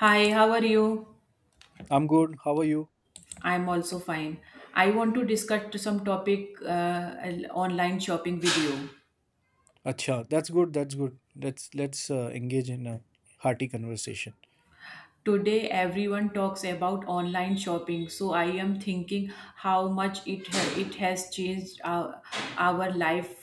Hi, how are you? I'm good. How are you? I'm also fine. I want to discuss some topic, online shopping with you. Acha, that's good. That's good. Let's engage in a hearty conversation. Today, everyone talks about online shopping, so I am thinking how much it has changed our life.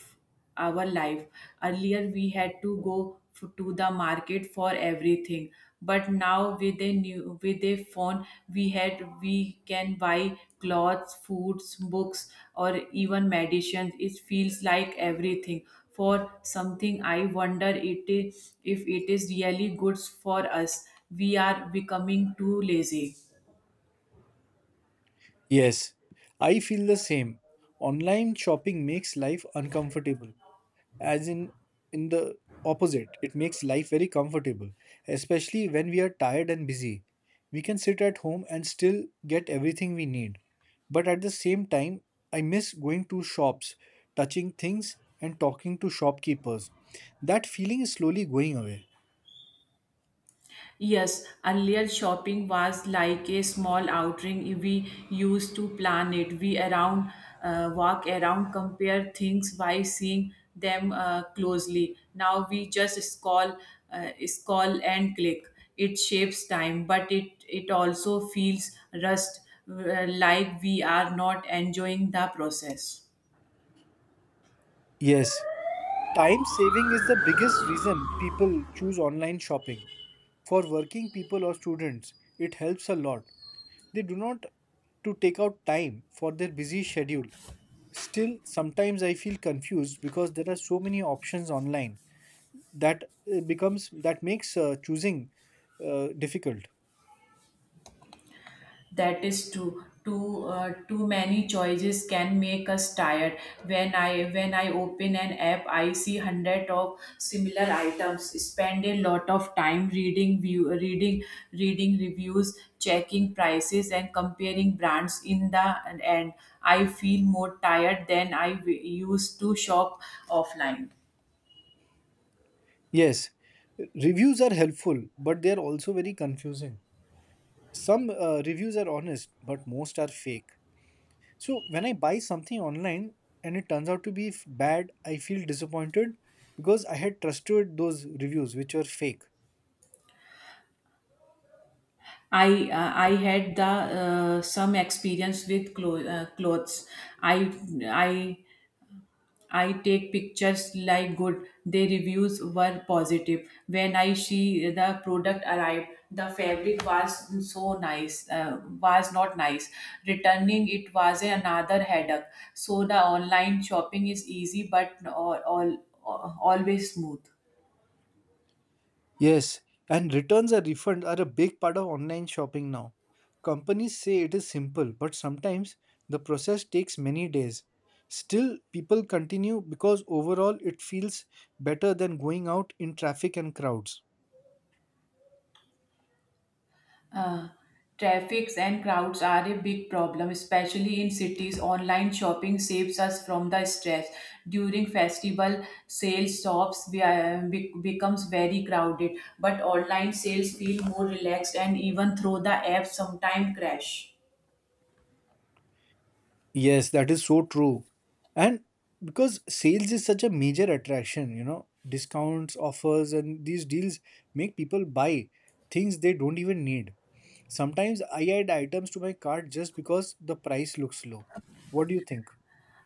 Our life. Earlier, we had to to the market for everything, but now with a phone, we can buy clothes, foods, books, or even medicines. It feels like everything for something. I wonder if it is really good for us. We are becoming too lazy. Yes, I feel the same. Online shopping makes life uncomfortable, as in the opposite it makes life very comfortable, especially when we are tired and busy we can sit at home and still get everything we need. But at the same time, I miss going to shops, touching things and talking to shopkeepers. That feeling is slowly going away. Yes, earlier shopping was like a small outing. We used to plan it. We around walk around, compare things by seeing them closely. Now we just scroll and click. It shapes time, but it also feels rushed, like we are not enjoying the process. Yes, time saving is the biggest reason people choose online shopping. For working people or students it helps a lot. They do not to take out time for their busy schedule. Still, sometimes I feel confused because there are so many options online that makes choosing difficult. That is true. Too many choices can make us tired. When I open an app, I see 100 of similar items. Spend a lot of time reading view reading reading reviews, checking prices, and comparing brands. In the end, I feel more tired than used to shop offline. Yes, reviews are helpful, but they are also very confusing. Some reviews are honest, but most are fake. So when I buy something online and it turns out to be bad, I feel disappointed because I had trusted those reviews which were fake. I had the some experience with clothes. I I I take pictures like good. The reviews were positive. When I see the product arrived, the fabric was so nice, was not nice. Returning it was another headache. So the online shopping is easy but always smooth. Yes, and returns or refunds are a big part of online shopping now. Companies say it is simple, but sometimes the process takes many days. Still, people continue because overall it feels better than going out in traffic and crowds. Uh, traffics and crowds are a big problem, especially in cities. Online shopping saves us from the stress. During festival sales, shops becomes very crowded, but online sales feel more relaxed and even through the app sometimes crash. Yes, that is so true. And because sales is such a major attraction, you know, discounts, offers, and these deals make people buy things they don't even need. Sometimes I add items to my cart just because the price looks low. What do you think?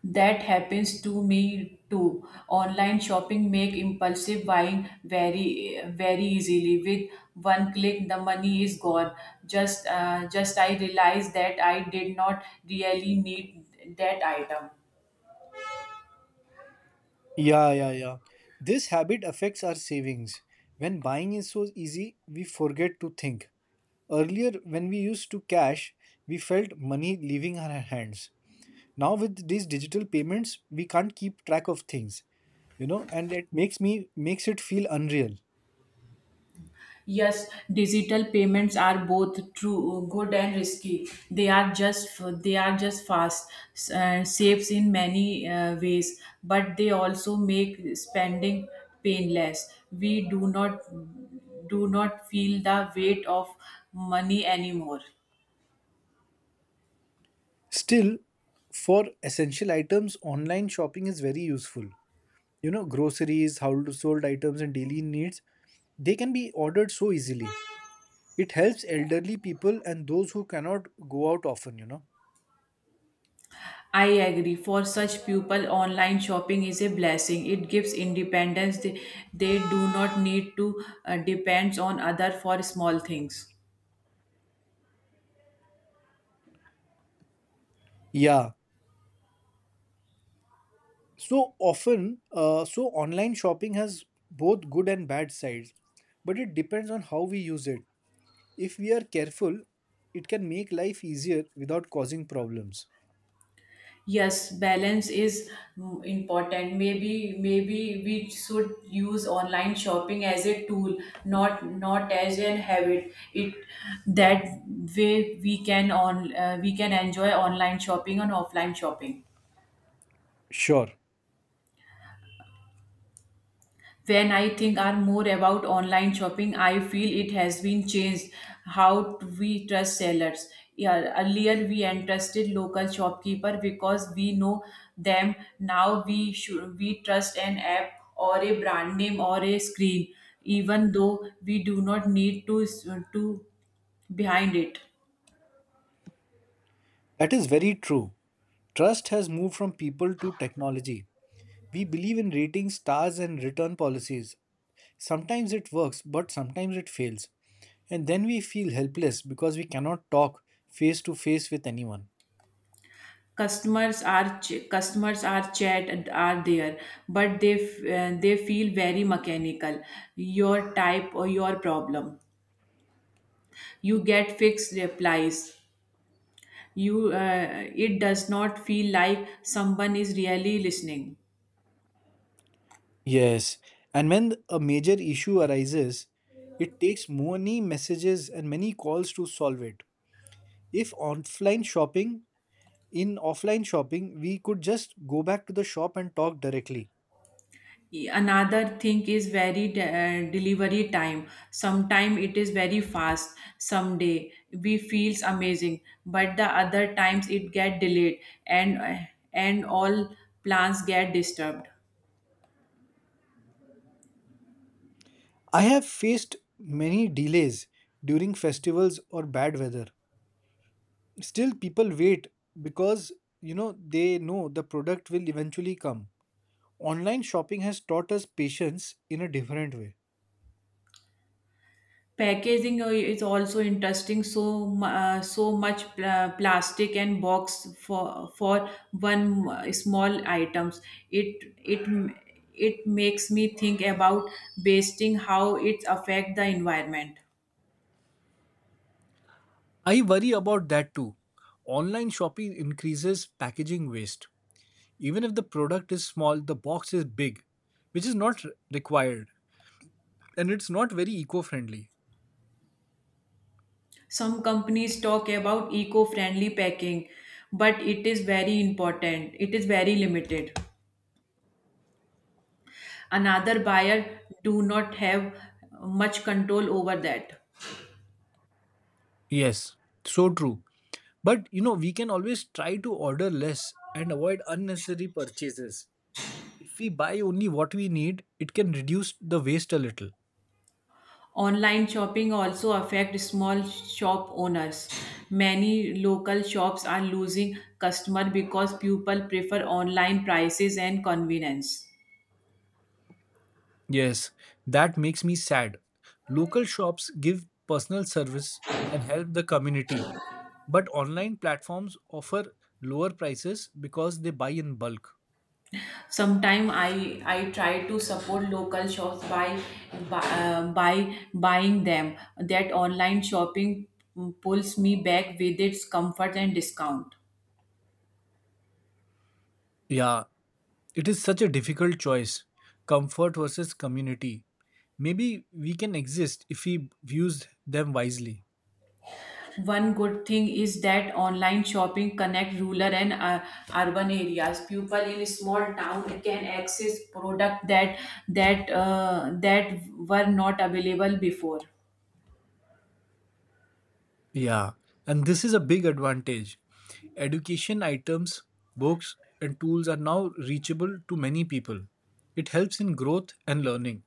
That happens to me too. Online shopping make impulsive buying very very easily. With one click, the money is gone. Just I realized that I did not really need that item. Yeah, yeah, yeah. This habit affects our savings. When buying is so easy, we forget to think. Earlier, when we used to cash, we felt money leaving our hands. Now, with these digital payments, we can't keep track of things, and that makes it feel unreal. Yes, digital payments are both true good and risky. They are just fast, saves in many ways, but they also make spending painless. We do not feel the weight of money anymore. Still, for essential items, online shopping is very useful. You know, groceries, household items, and daily needs, they can be ordered so easily. It helps elderly people and those who cannot go out often. I agree. For such people, online shopping is a blessing. It gives independence. They do not need to depend on other for small things. Yeah. So often, so online shopping has both good and bad sides, but it depends on how we use it. If we are careful, it can make life easier without causing problems. Yes, balance is important. Maybe we should use online shopping as a tool, not as an habit. It that way we can enjoy online shopping and offline shopping. Sure, When I think are more about online shopping, I feel it has been changed how we trust sellers. Yeah, earlier we entrusted local shopkeeper because we know them. Now we trust an app or a brand name or a screen, even though we do not need to behind it. that is very true. Trust has moved from people to technology. We believe in rating stars and return policies. Sometimes it works, but sometimes it fails. And then we feel helpless because we cannot talk face to face with anyone. Customers are chat and are there, but they they feel very mechanical. Your type or your problem, you get fixed replies. You It does not feel like someone is really listening. Yes, and when a major issue arises, it takes many messages and many calls to solve it. If offline shopping, in offline shopping, we could just go back to the shop and talk directly. Another thing is delivery time. Sometime it is very fast, someday we feels amazing, but the other times it get delayed, and uh, and all plans get disturbed. I have faced many delays during festivals or bad weather. Still, people wait because, you know, they know the product will eventually come. Online shopping has taught us patience in a different way. Packaging is also interesting, so so much plastic and box for one small items. It it it makes me think about wasting how it affect the environment. I worry about that too. Online shopping increases packaging waste. Even if the product is small, the box is big, which is not required and it's not very eco friendly. Some companies talk about eco-friendly packing, but it is very important, it is very limited. Another buyer do not have much control over that. Yes, so true. But you know, we can always try to order less and avoid unnecessary purchases. If we buy only what we need, it can reduce the waste a little. Online shopping also affects small shop owners. Many local shops are losing customer because people prefer online prices and convenience. Yes, that makes me sad. Local shops give personal service and help the community, but online platforms offer lower prices because they buy in bulk. Sometimes I try to support local shops by buying them. That online shopping pulls me back with its comfort and discount. Yeah, it is such a difficult choice. Comfort versus community. Maybe we can exist if we use them wisely. One good thing is that online shopping connect rural and, urban areas. People in small town can access product that were not available before. Yeah, and this is a big advantage. Education items, books, and tools are now reachable to many people. It helps in growth and learning.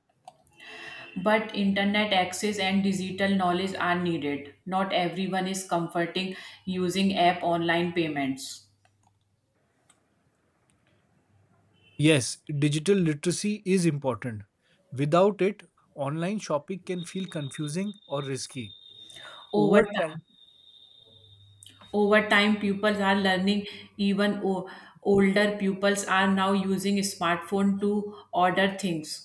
But internet access and digital knowledge are needed. Not everyone is comforting using app online payments. Yes, digital literacy is important. Without it, online shopping can feel confusing or risky. Over Over time, time, over time, pupils are learning. Even older pupils are now using smartphone to order things.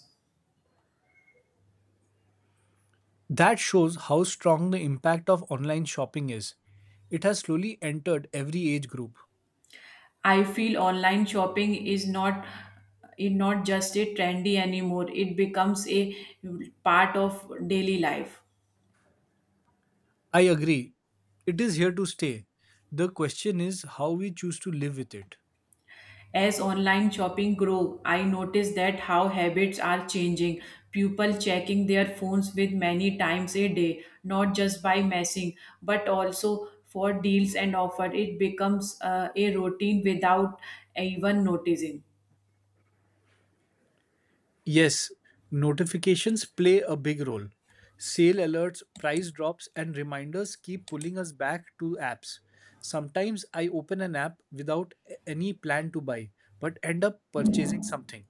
that shows how strong the impact of online shopping is. It has slowly entered every age group. I feel online shopping is not just a trendy anymore. It becomes a part of daily life. I agree. It is here to stay. The question is how we choose to live with it. As online shopping grow, I notice that how habits are changing. People checking their phones with many times a day, not just by messing, but also for deals and offer. It becomes a routine without even noticing. Yes, notifications play a big role. Sale alerts, price drops, and reminders keep pulling us back to apps. Sometimes I open an app without any plan to buy, but end up purchasing something.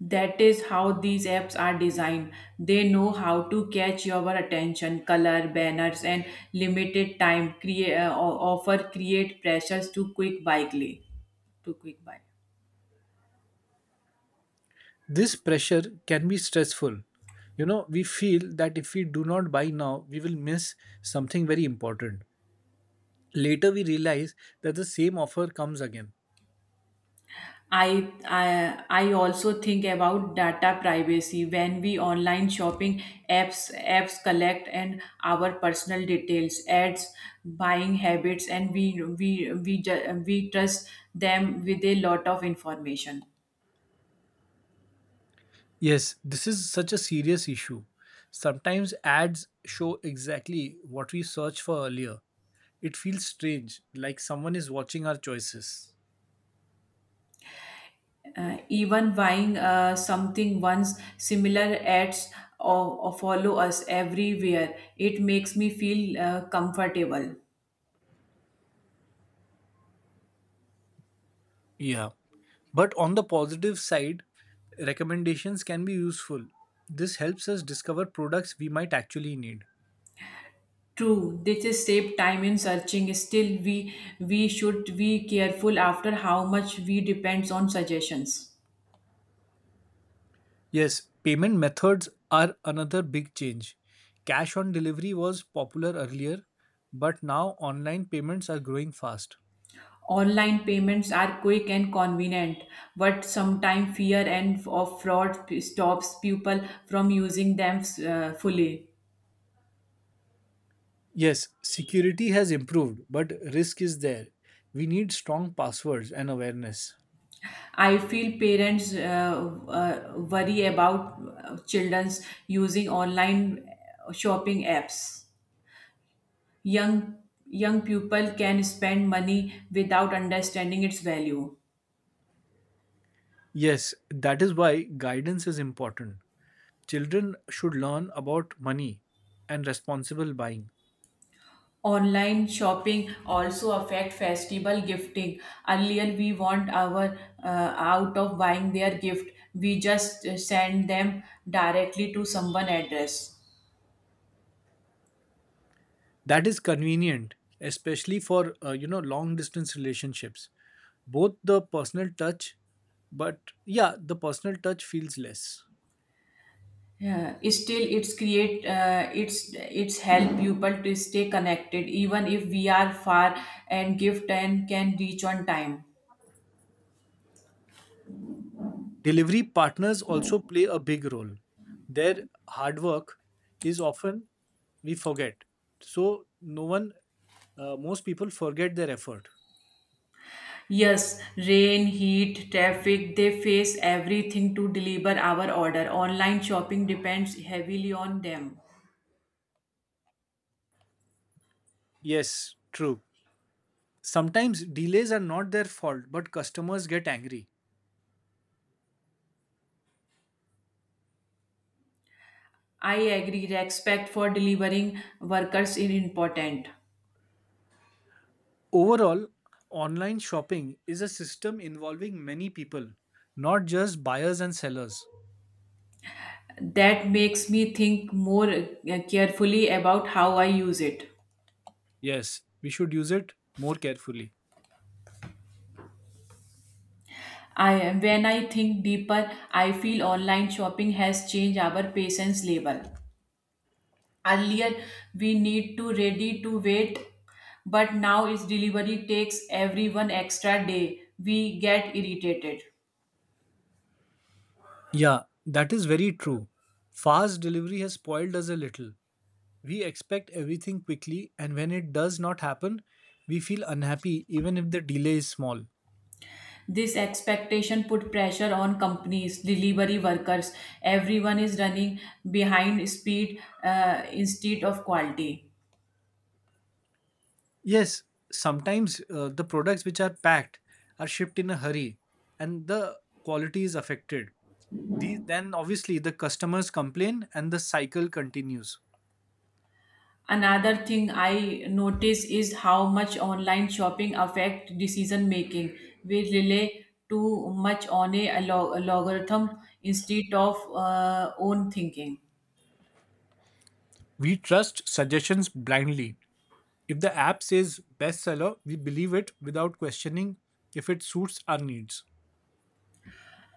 That is how these apps are designed. They know how to catch your attention, color, banners, and limited time create offer create pressures to quick buy clay. To quick buy. This pressure can be stressful. You know, we feel that if we do not buy now, we will miss something very important. Later, we realize that the same offer comes again. I also think about data privacy when we online shopping apps collect and our personal details, ads, buying habits, and we trust them with a lot of information. Yes, this is such a serious issue. Sometimes ads show exactly what we searched for earlier. It feels strange, like someone is watching our choices. Even buying something once similar ads, or follow us everywhere. It makes me feel comfortable. Yeah. But on the positive side, recommendations can be useful. This helps us discover products we might actually need. True, this is save time in searching. Still, we should be careful after how much we depends on suggestions. Yes, payment methods are another big change. Cash on delivery was popular earlier, but now online payments are growing fast. Online payments are quick and convenient, but sometimes fear and of fraud stops people from using them fully. Yes, security has improved, but risk is there. We need strong passwords and awareness. I feel parents worry about children's using online shopping apps. Young young people can spend money without understanding its value. Yes, that is why guidance is important. Children should learn about money and responsible buying. Online shopping also affect festival gifting. Earlier, we want our, uh, out of buying their gift, we just send them directly to someone address. That is convenient, especially for, you know, long distance relationships. Both the personal touch, but yeah, the personal touch feels less. Yeah, still it's create it's help people to stay connected even if we are far, and gift and can reach on time. Delivery partners also play a big role. Their hard work is often we forget. So no one, most people forget their effort. Yes, rain, heat, traffic, they face everything to deliver our order. Online shopping depends heavily on them. Yes, true. Sometimes delays are not their fault, but customers get angry. I agree, respect for delivering workers is important. Overall, online shopping is a system involving many people, not just buyers and sellers. That makes me think more carefully about how I use it. Yes, we should use it more carefully. I when I think deeper, I feel online shopping has changed our patience level. Earlier, we need to ready to wait, but now its delivery takes everyone extra day. We get irritated. Yeah, that is very true. Fast delivery has spoiled us a little. We expect everything quickly, and when it does not happen, we feel unhappy even if the delay is small. This expectation put pressure on companies, delivery workers. Everyone is running behind speed instead of quality. Yes, sometimes the products which are packed are shipped in a hurry and the quality is affected. These, then, obviously, the customers complain and the cycle continues. Another thing I notice is how much online shopping affect decision making. We rely too much on a logarithm instead of own thinking. We trust suggestions blindly. If the app says bestseller, we believe it without questioning if it suits our needs.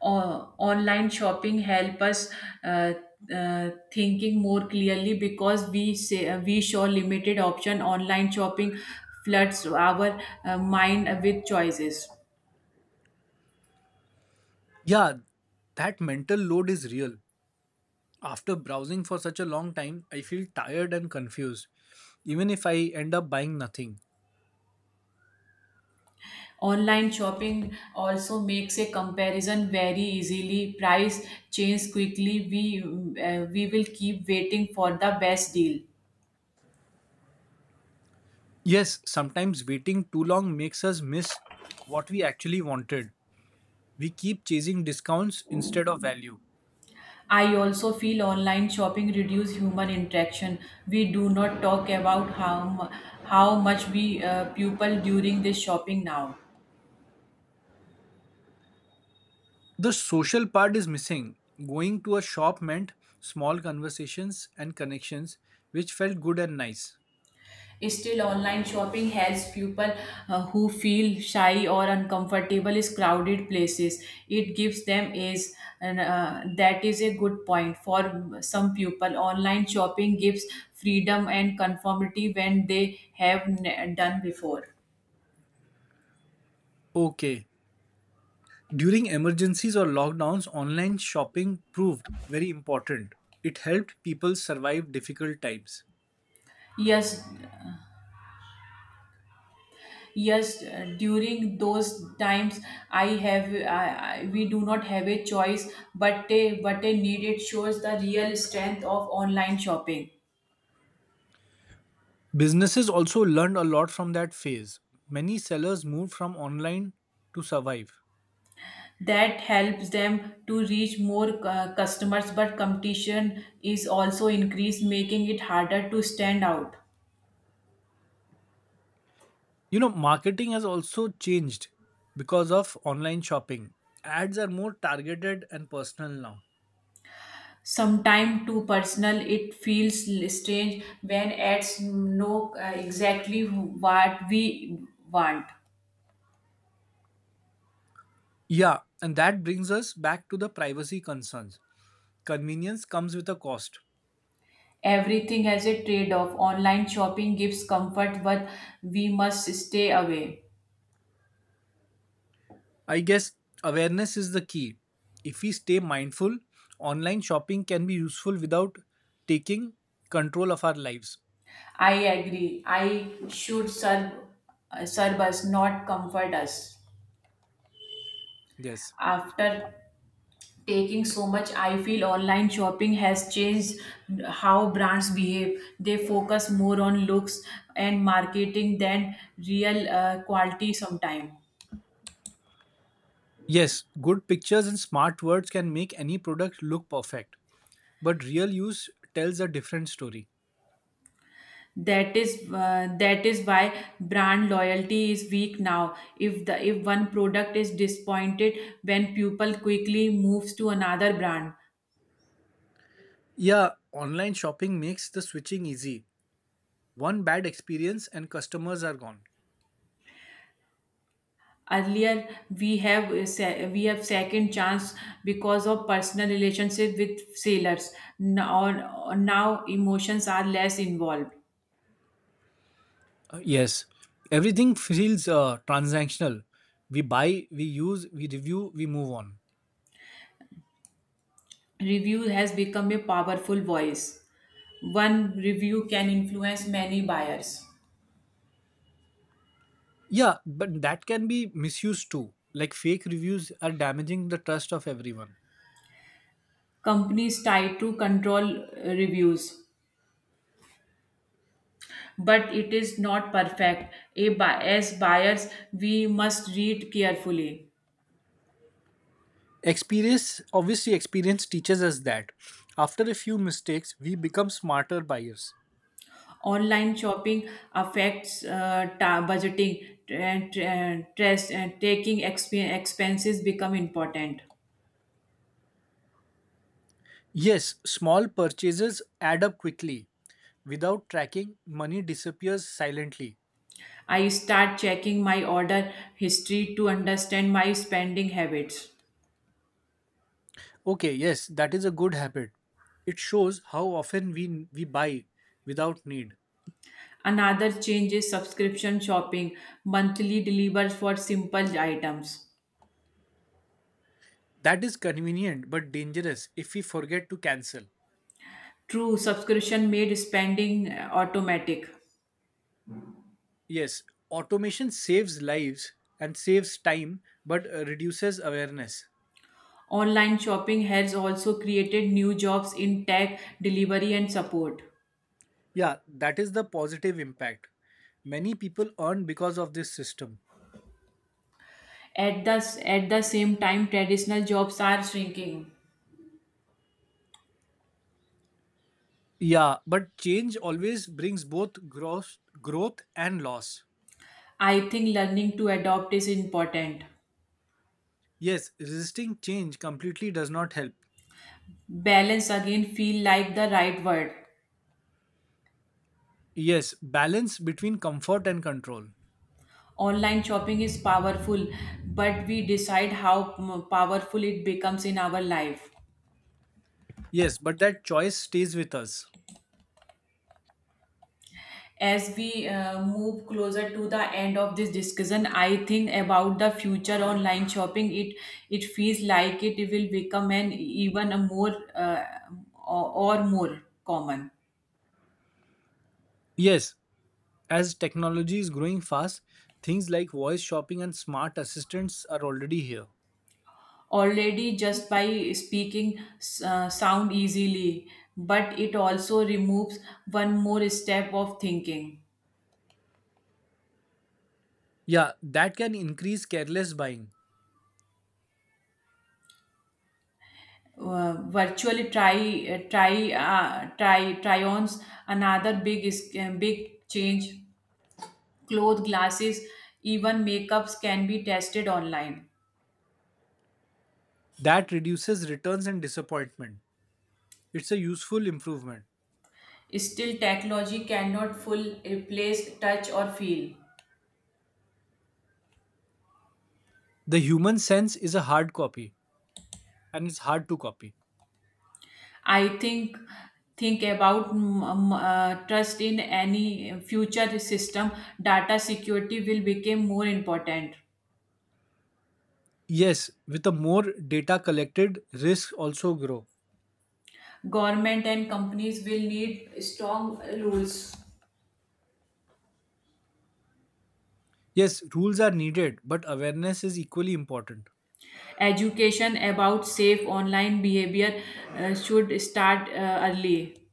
Online shopping help us uh, thinking more clearly because we show limited option. Online shopping floods our mind with choices. Yeah, that mental load is real. After browsing for such a long time, I feel tired and confused, even if I end up buying nothing. Online shopping also makes a comparison very easily. Price change quickly. We will keep waiting for the best deal. Yes, sometimes waiting too long makes us miss what we actually wanted. We keep chasing discounts instead of value. I also feel online shopping reduce human interaction. We do not talk about how much we pupil during this shopping now. The social part is missing. Going to a shop meant small conversations and connections, which felt good and nice. Still, online shopping helps people, who feel shy or uncomfortable in crowded places. It gives them edge, and that is a good point for some people. Online shopping gives freedom and conformity when they have done before. Okay. During emergencies or lockdowns, online shopping proved very important. It helped people survive difficult times. Yes, yes. During those times, I have I, we do not have a choice, but a need. It shows the real strength of online shopping. Businesses also learned a lot from that phase. Many sellers moved from online to survive. That helps them to reach more customers, but competition is also increased, making it harder to stand out. You know, marketing has also changed because of online shopping. Ads are more targeted and personal now. Sometime too personal, it feels strange when ads know exactly what we want. Yeah, and that brings us back to the privacy concerns. Convenience comes with a cost. Everything has a trade off. Online shopping gives comfort, but we must stay away. I guess awareness is the key. If we stay mindful, online shopping can be useful without taking control of our lives. I agree. I should serve us, not comfort us. Yes. After taking so much, I feel online shopping has changed how brands behave. They focus more on looks and marketing than real quality sometimes. Yes, good pictures and smart words can make any product look perfect, but real use tells a different story. That is why brand loyalty is weak now. If one product is disappointed, when people quickly moves to another brand. Yeah, online shopping makes the switching easy. One bad experience and customers are gone. Earlier, we have second chance because of personal relationship with sailors. Now, now emotions are less involved. Yes, everything feels transactional. We buy, we use, we review, we move on. Review has become a powerful voice. One review can influence many buyers. Yeah, but that can be misused too. Like fake reviews are damaging the trust of everyone. Companies try to control reviews, but it is not perfect. As buyers, we must read carefully. Experience obviously experience teaches us that after a few mistakes we become smarter buyers. Online shopping affects budgeting and stress and expenses become important. Yes, small purchases add up quickly. Without tracking, money disappears silently. I start checking my order history to understand my spending habits. Okay, yes, that is a good habit. It shows how often we buy without need. Another change is subscription shopping, monthly delivers for simple items. That is convenient but dangerous if we forget to cancel. True, subscription made spending automatic. Yes, automation saves lives and saves time but reduces awareness. Online shopping has also created new jobs in tech, delivery, and support. Yeah, that is the positive impact. Many people earn because of this system. At the, at the same time, traditional jobs are shrinking. Yeah, but change always brings both growth and loss. I think learning to adopt is important. Yes, resisting change completely does not help. Balance again feel like the right word. Yes, balance between comfort and control. Online shopping is powerful, but we decide how powerful it becomes in our life. Yes, but that choice stays with us. As we move closer to the end of this discussion, I think about the future online shopping. It feels like it will become an even a more or more common. Yes, as technology is growing fast, things like voice shopping and smart assistants are already here. Already, just by speaking, sound easily, but it also removes one more step of thinking. Yeah, that can increase careless buying. Virtually, try try try try ons, another big change, cloth, glasses, even makeups can be tested online. That reduces returns and disappointment. It's a useful improvement. Still, technology cannot full replace touch or feel. The human sense is a hard copy and it's hard to copy. I think about trust in any future system. Data security will become more important. Yes, with the more data collected, risks also grow. Government and companies will need strong rules. Yes, rules are needed, but awareness is equally important. Education about safe online behavior should start early.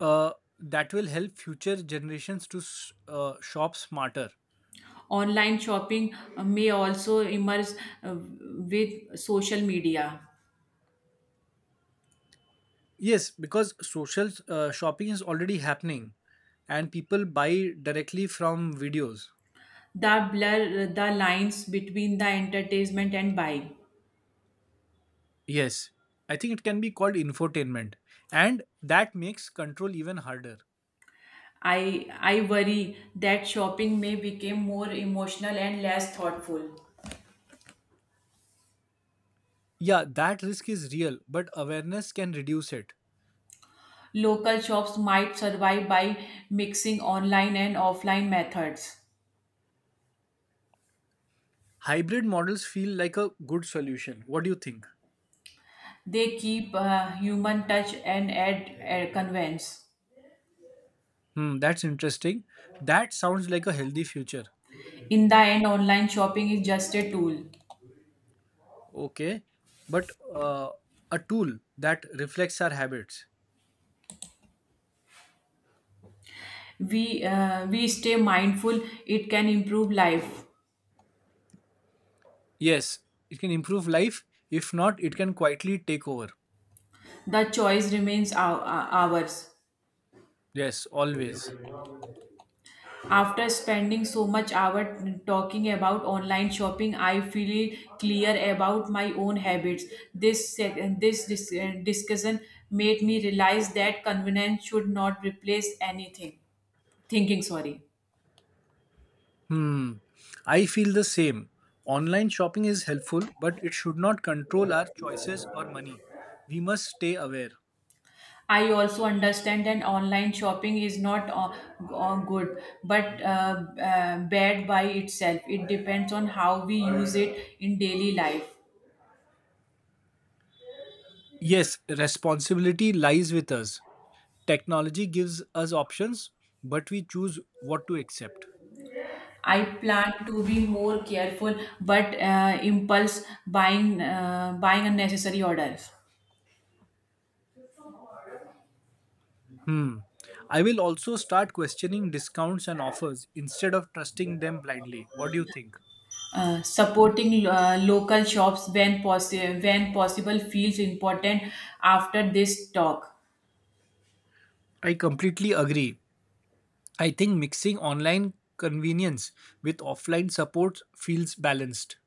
Uh, that will help future generations to shop smarter. Online shopping may also emerge uh, with social media. Yes, because social shopping is already happening and people buy directly from videos. The blur the lines between the entertainment and buying. Yes, I think it can be called infotainment, and that makes control even harder. I worry that shopping may become more emotional and less thoughtful. Yeah, that risk is real, but awareness can reduce it. Local shops might survive by mixing online and offline methods. Hybrid models feel like a good solution. What do you think? They keep human touch and add convenience. Hmm, that's interesting. That sounds like a healthy future. In the end, online shopping is just a tool. Okay, but a tool that reflects our habits. We stay mindful. It can improve life. Yes, it can improve life. If not, it can quietly take over. The choice remains ours. Yes, always. After spending so much hour talking about online shopping, I feel clear about my own habits. This discussion made me realize that convenience should not replace anything. Thinking, sorry. Hmm, I feel the same. Online shopping is helpful, but it should not control our choices or money. We must stay aware. I also understand that online shopping is not, good but bad by itself. It depends on how we use it in daily life. Yes, responsibility lies with us. Technology gives us options, but we choose what to accept. I plan to be more careful, but impulse buying unnecessary orders. Hmm. I will also start questioning discounts and offers instead of trusting them blindly. What do you think? Supporting local shops when possible feels important after this talk. I completely agree. I think mixing online convenience with offline support feels balanced.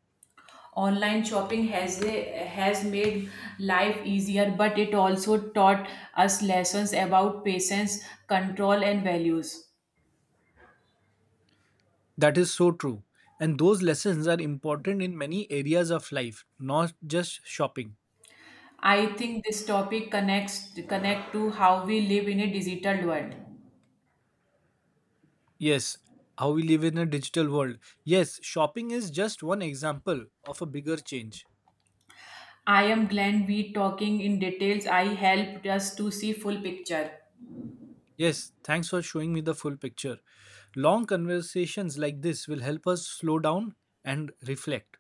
Online shopping has made life easier, but it also taught us lessons about patience, control, and values. That is so true. And those lessons are important in many areas of life, not just shopping. I think this topic connects connect to how we live in a digital world. Yes, how we live in a digital world. Yes, shopping is just one example of a bigger change. I am Glenn we talking in details. I helped us to see full picture. Yes, thanks for showing me the full picture. Long conversations like this will help us slow down and reflect.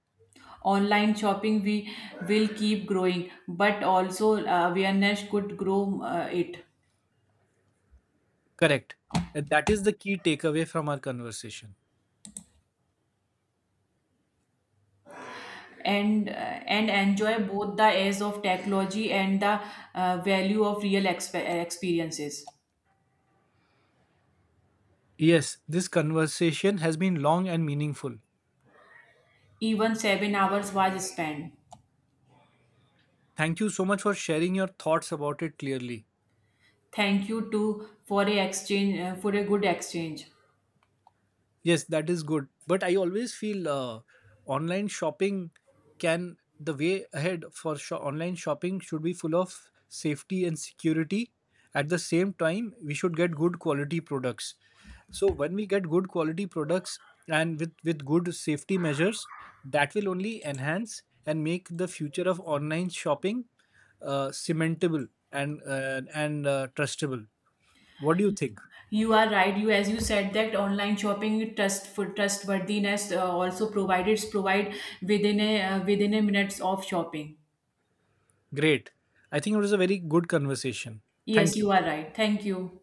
Online shopping we will keep growing, but also awareness could grow it. Correct. And that is the key takeaway from our conversation. And enjoy both the edge of technology and the value of real experiences. Yes, this conversation has been long and meaningful. Even 7 hours was spent. Thank you so much for sharing your thoughts about it clearly. Thank you to for a good exchange. Yes, that is good. But I always feel online shopping can, the way ahead for online shopping should be full of safety and security. At the same time, we should get good quality products. So when we get good quality products and with good safety measures, that will only enhance and make the future of online shopping cementable and trustable. What do you think? You are right. You, as you said, that online shopping trust for trustworthiness, also provide within a minutes of shopping. Great. I think it was a very good conversation. Yes, Thank you. you are right. Thank you.